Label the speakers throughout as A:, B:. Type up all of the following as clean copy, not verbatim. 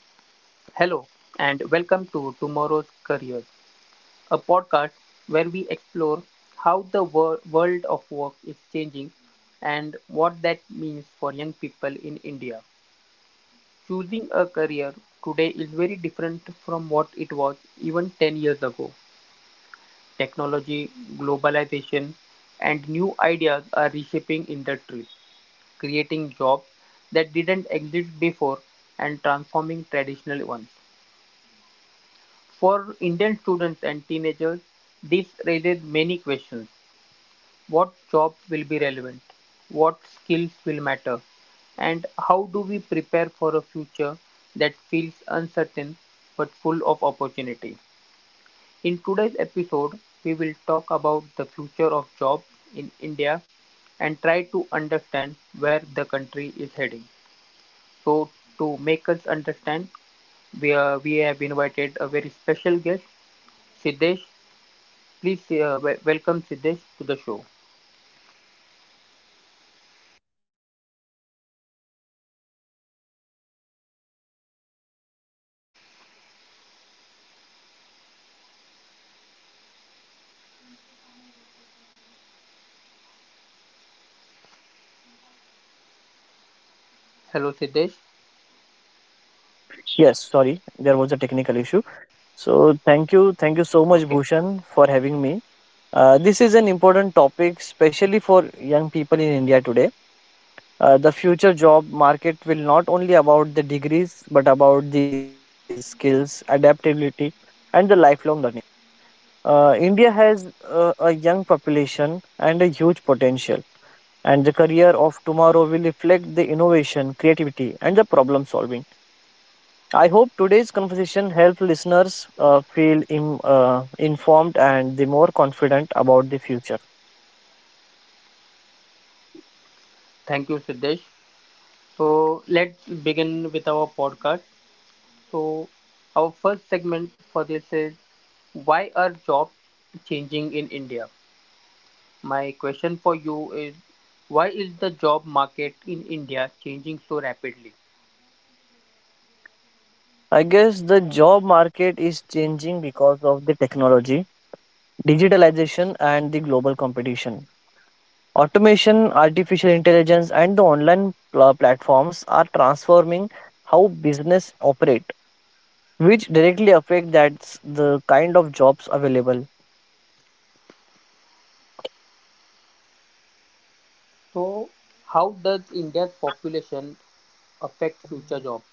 A: Hello, and welcome to Tomorrow's Careers, a podcast where we explore how the world of work is changing and what that means for young people in India. Choosing a career today is very different from what it was even 10 years ago. Technology, globalization, and new ideas are reshaping industries, creating jobs that didn't exist before and transforming traditional ones. For Indian students and teenagers, this raises many questions. What jobs will be relevant? What skills will matter? And how do we prepare for a future that feels uncertain but full of opportunity? In today's episode, we will talk about the future of jobs in India and try to understand where the country is heading. So, to make us understand, we have invited a very special guest, Siddesh. Please welcome Siddesh to the show. Hello, Siddesh.
B: Yes, sorry, there was a technical issue. So thank you so much,
A: Okay.
B: Bhushan, for having me. This is an important topic, especially for young people in India today. The future job market will not only about the degrees, but about the skills, adaptability, and the lifelong learning. India has a young population and a huge potential, and the career of tomorrow will reflect the innovation, creativity, and the problem solving. I hope today's conversation helped listeners feel im informed and the more confident about the future.
A: Thank you, Siddesh. So, let's begin with our podcast. So, our first segment for this is, why are jobs changing in India? My question for you is, why is the job market in India changing so rapidly?
B: I guess the job market is changing because of the technology, digitalization, and the global competition. Automation, artificial intelligence, and the online platforms are transforming how business operate, which directly affect that's the kind of jobs available.
A: So, how does India's population affect future jobs?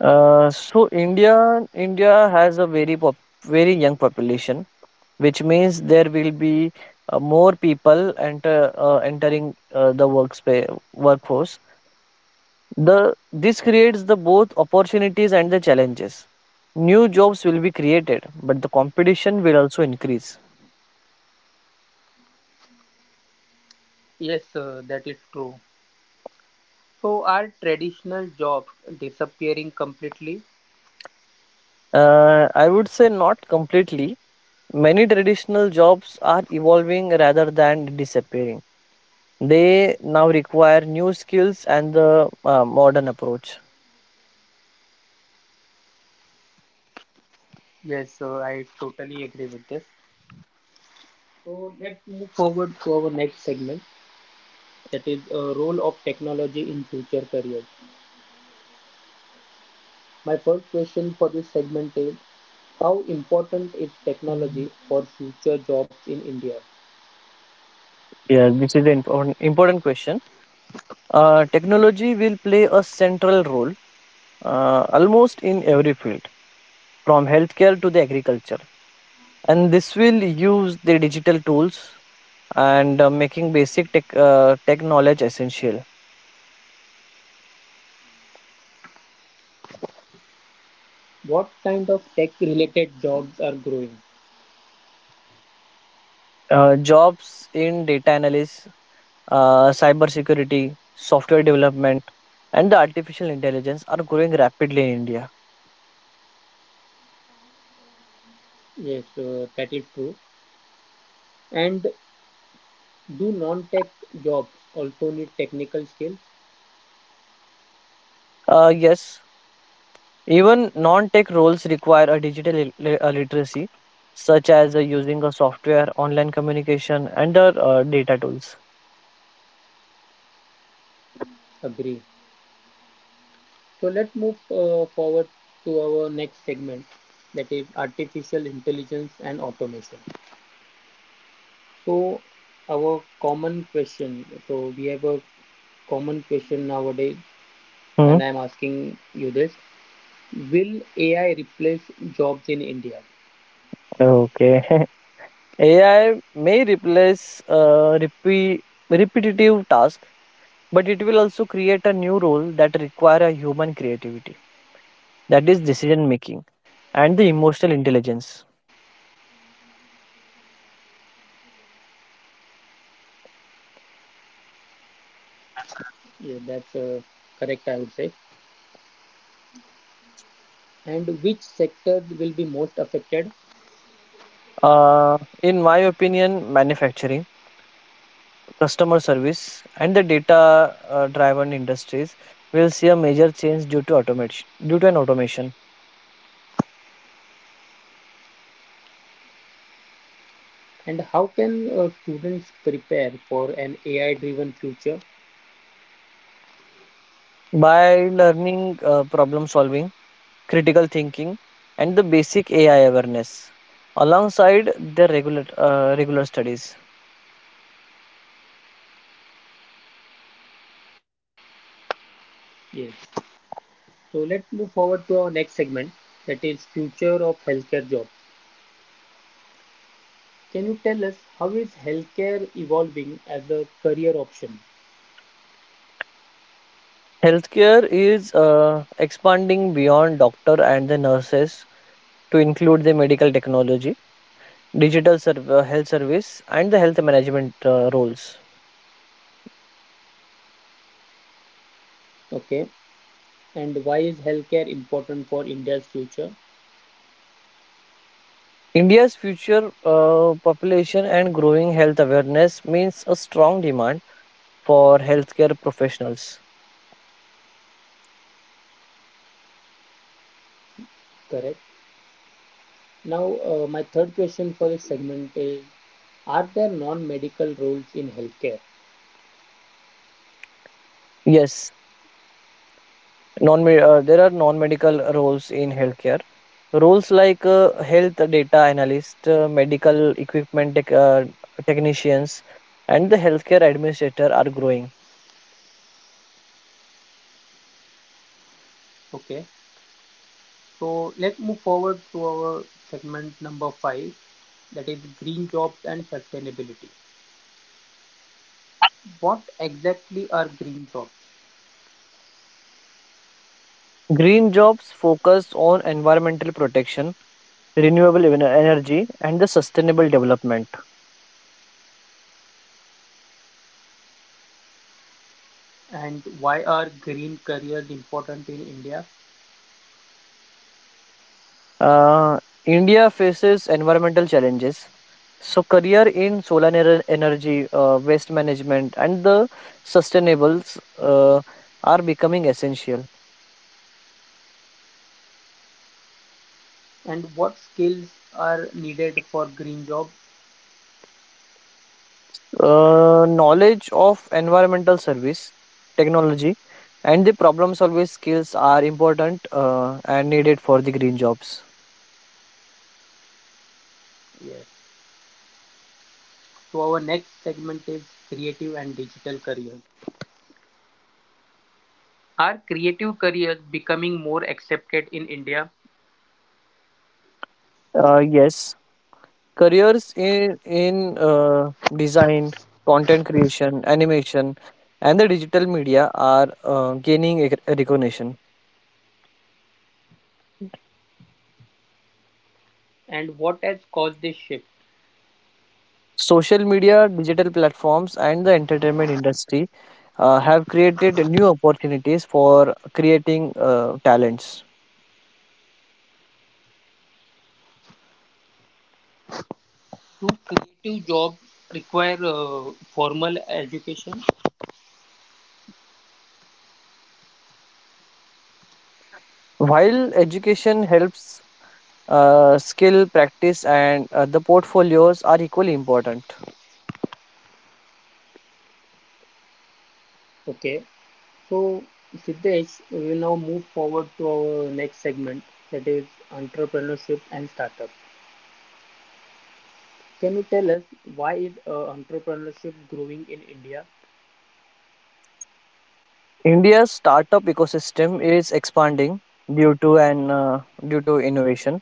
B: So India has a very very young population, which means there will be more people entering the workspace workforce. The this creates the both opportunities and the challenges. New jobs will be created, but the competition will also increase.
A: Yes, that is true. So, are traditional jobs disappearing completely?
B: I would say not completely. Many traditional jobs are evolving rather than disappearing. They now require new skills and the modern approach.
A: Yes, so I totally agree with this. So let's move forward to our next segment, that is role of technology in future careers. My first question for this segment is, how important is technology for future jobs in India?
B: Yeah, this is an important question. Technology will play a central role almost in every field, from healthcare to the agriculture. And this will use the digital tools and making basic tech knowledge essential.
A: What kind of tech related jobs are growing?
B: Jobs in data analysis, cyber security, software development, and the artificial intelligence are growing rapidly in India.
A: Yes, that is true. And do non tech jobs also need technical skills?
B: Yes, even non tech roles require a digital literacy, such as using a software, online communication, and data tools.
A: Agree. So let's move forward to our next segment, that is artificial intelligence and automation. So our common question, so we have a common question nowadays,
B: Hmm.
A: and I'm asking you this. Will AI replace jobs in India?
B: Okay. AI may replace repetitive tasks, but it will also create a new role that require a human creativity, that is decision making and the emotional intelligence.
A: Yeah, that's correct, I would say. And which sectors will be most affected?
B: In my opinion, manufacturing customer service, and the data driven industries will see a major change due to an automation.
A: And how can students prepare for an AI driven future?
B: By learning problem solving, critical thinking, and the basic AI awareness alongside their regular studies.
A: Yes. So let's move forward to our next segment, that is future of healthcare job. Can you tell us, how is healthcare evolving as a career option?
B: Healthcare is expanding beyond doctor and the nurses to include the medical technology, digital health service, and the health management roles.
A: Okay, and why is healthcare important for India's future?
B: India's future population and growing health awareness means a strong demand for healthcare.
A: Correct. Now my third question for this segment is, are there non-medical roles in healthcare?
B: Yes, non there are non-medical roles here. Roles like health data analyst, medical equipment technicians, and the healthcare administrator are growing.
A: Okay, so let's move forward to our segment number five, that is green jobs and sustainability. What exactly are green jobs?
B: Green jobs focus on environmental renewable energy and the sustainable development.
A: And why are green careers important in India?
B: Uh, India faces environmental challenges. So career in solar energy, waste management, and the sustainables are becoming essential.
A: And what skills are needed for green jobs?
B: Knowledge of environmental technology and the problem solving skills are important and needed for the green jobs.
A: Yes. So our next segment is creative and digital careers. Are creative careers becoming more accepted in India?
B: Yes, careers in design, content creation, animation, and the digital media are gaining recognition.
A: And what has caused this shift?
B: Social media, digital platforms, and the entertainment industry have created new opportunities for creating talents.
A: Do creative jobs require formal education?
B: While education helps, skill, practice, and the portfolios are equally important.
A: Okay. So Siddesh, we will now move forward to our next segment, that is entrepreneurship and startup. Can you tell us, why is entrepreneurship growing in India,
B: India's startup ecosystem is expanding due to an uh, due to innovation,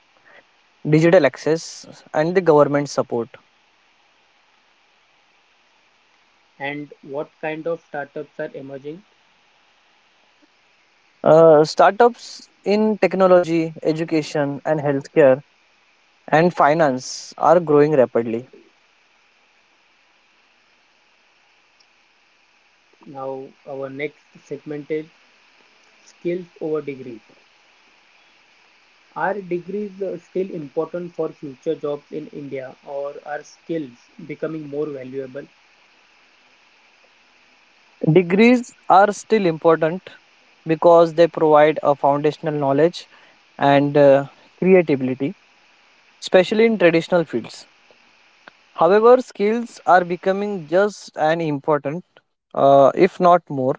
B: digital access, and the government support.
A: and what kind of startups are emerging?
B: Startups in technology, education, and healthcare and finance are growing rapidly.
A: Now, our next segment is skills over degrees. Are degrees still important for future jobs in India, or are skills becoming more valuable?
B: Degrees are still important, because they provide a foundational knowledge and creativity, especially in traditional fields. However, skills are becoming just as important, if not more.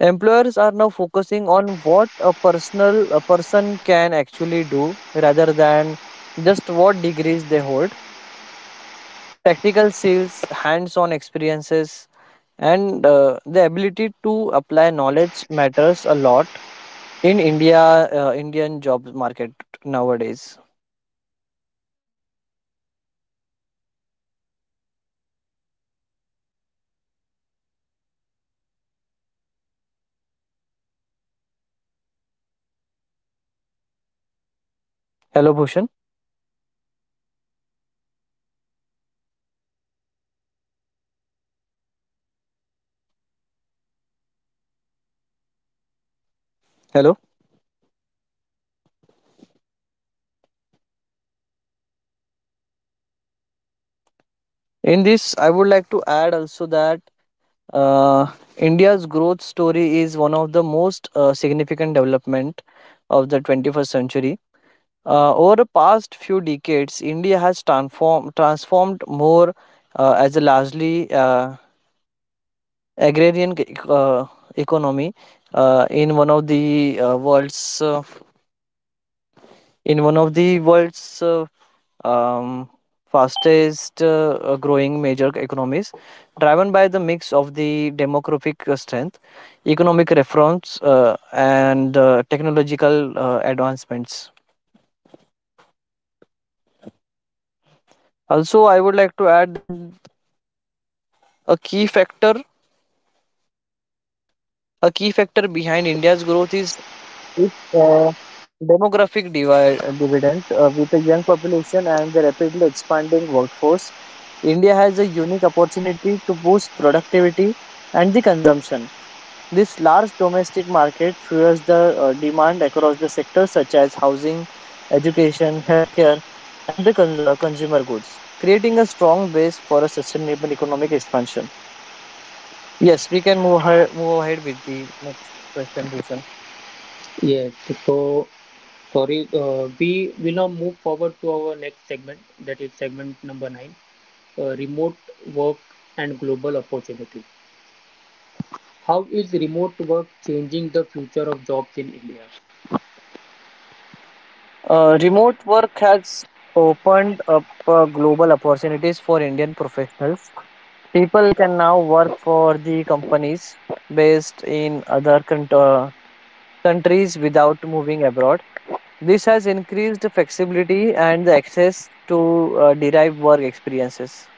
B: Employers are now focusing on what a person can actually do rather than just what degrees they hold. Practical skills, hands-on experiences, and the ability to apply knowledge matters a lot in Indian jobs market nowadays. Hello, Bhushan. Hello. In this, I would like to add also that uh, India's growth story is one of the most significant development of the 21st century. Over the past few decades, India has transformed more as a largely agrarian economy uh, in one of the uh, world's uh, in one of the world's um, fastest growing major economies, driven by the mix of the demographic strength, economic reforms, and technological advancements. Also, I would like to add that a key factor, a key factor behind India's growth is its demographic dividend with a young population and the rapidly expanding workforce. India has a unique opportunity to boost productivity and the consumption. This large domestic market fuels the demand across the sectors such as housing, education, healthcare, and the consumer goods, creating a strong base for a sustainable economic expansion. Yes, we can move ahead with the next question. Rishant.
C: Yes, so sorry, we will now move forward to our next segment, that is segment number nine, remote work and global opportunity. How is remote work changing the future of jobs in India?
B: Remote work has opened up global opportunities for Indian professionals. People can now work for the companies based in other countries without moving abroad. This has increased flexibility and the access to derived work experiences.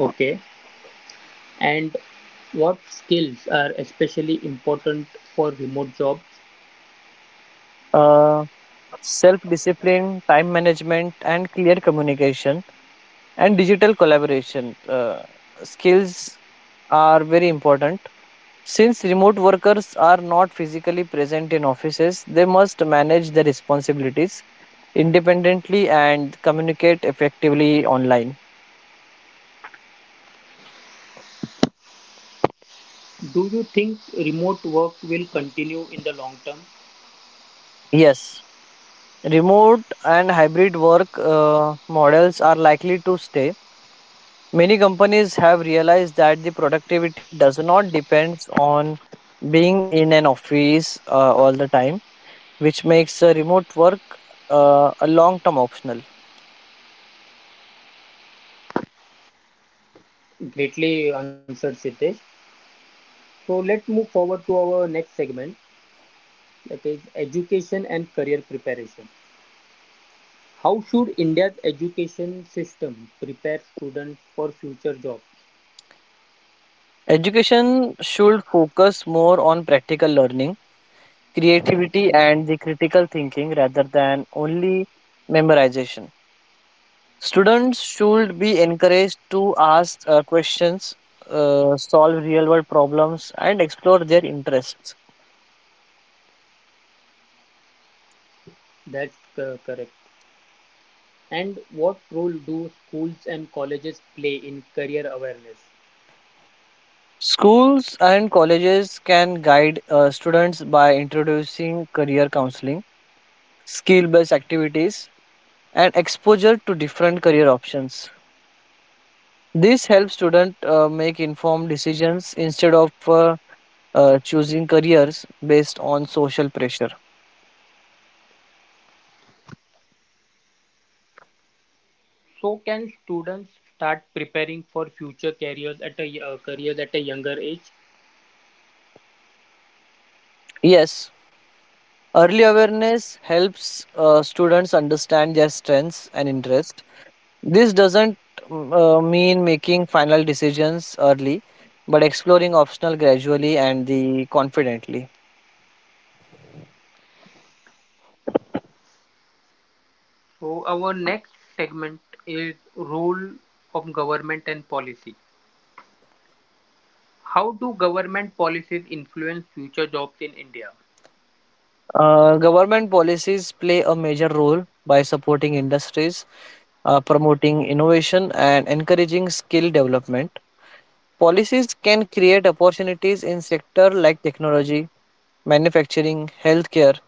C: Okay, and what skills are especially important for remote jobs?
B: Uh, Self discipline, time management, and clear communication and digital collaboration skills are very important. Since remote workers are not physically present in offices, they must manage their responsibilities independently and communicate effectively online.
C: Do you think remote work will continue in the long term?
B: Yes, remote and hybrid work models are likely to stay. Many companies have realized that the productivity does not depend on being in an office all the time, which makes remote work a long term optional.
C: Greatly answered, Siddesh. So let's move forward to our next segment, that is education and career preparation. How should India's education system prepare students for future jobs?
B: Education should focus more on practical learning, creativity, and the critical thinking rather than only memorization. Students should be encouraged to ask questions, solve real world problems, and explore their interests.
C: That's correct. And what role do schools and colleges play in career awareness?
B: Schools and colleges can guide students by introducing career counseling, skill based activities, and exposure to different career options. This helps students make informed decisions instead of choosing careers based on social pressure.
C: So can students start preparing for future careers at a younger age?
B: Yes, early awareness helps students understand their strengths and interests. This doesn't mean making final decisions early, but exploring optional gradually and the confidently.
C: So our next segment is role of government and policy. How do government policies influence future jobs in India?
B: Government policies play a major role by supporting industries, promoting innovation, and encouraging skill development. Policies can create opportunities in sectors like technology, manufacturing, healthcare,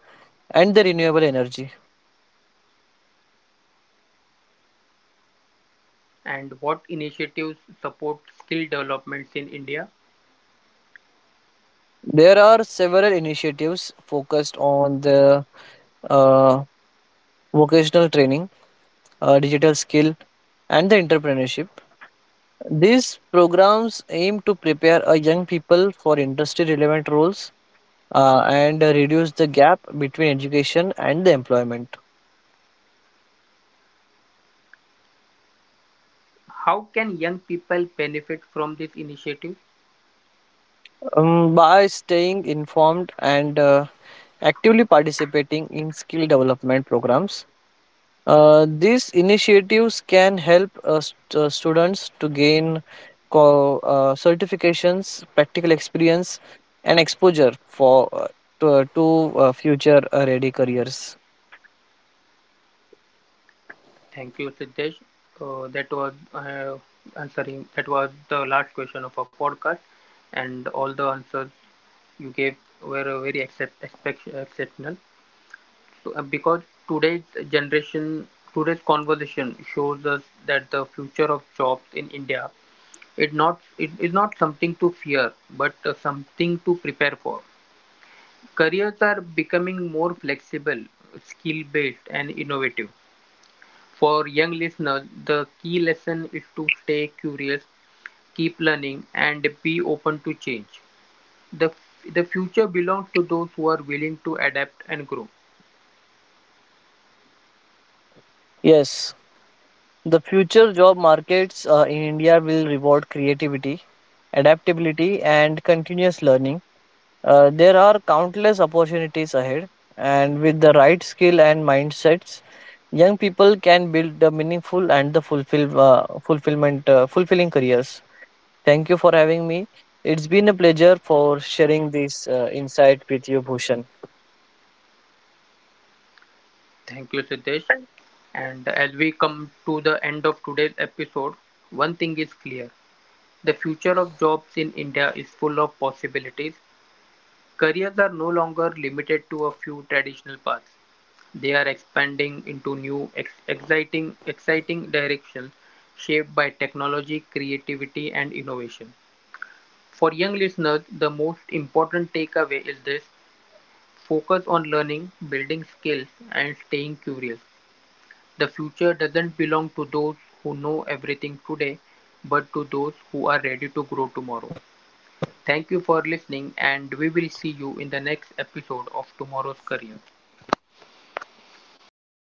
B: and the renewable energy.
C: And what initiatives support skill developments in India?
B: There are several initiatives focused on the uh, vocational training, digital skill and the entrepreneurship. These programs aim to prepare a young people for industry relevant roles and reduce the gap between education and the employment.
C: How can young people benefit from this initiative?
B: By staying informed and actively participating in skill development programs, these initiatives can help students to gain certifications, practical experience, and exposure to future ready careers.
C: Thank you, Siddesh. That was answering. That was the last question of our podcast, and all the answers you gave were very exceptional. So, because today's generation, today's conversation shows us that the future of jobs in India it is not something to fear, but something to prepare for. Careers are becoming more flexible, skill-based, and innovative. For young listeners, the key lesson is to stay curious, keep learning, and be open to change. The, the future belongs to those who are willing to adapt and grow.
B: Yes, the future job markets in India will reward creativity, adaptability, and continuous learning. There are countless opportunities ahead, and with the right skill and mindsets, young people can build the meaningful and the fulfilling careers. Thank you for having me. It's been a pleasure for sharing this insight with you, Bhushan.
C: Thank you, Siddesh. And as we come to the end of today's episode, one thing is clear: the future of jobs in India is full of possibilities. Careers are no longer limited to a few traditional paths. They are expanding into new, exciting directions shaped by technology, creativity, and innovation. For young listeners, the most important takeaway is this: focus on learning, building skills, and staying curious. The future doesn't belong to those who know everything today, but to those who are ready to grow tomorrow. Thank you for listening, and we will see you in the next episode of Tomorrow's Career.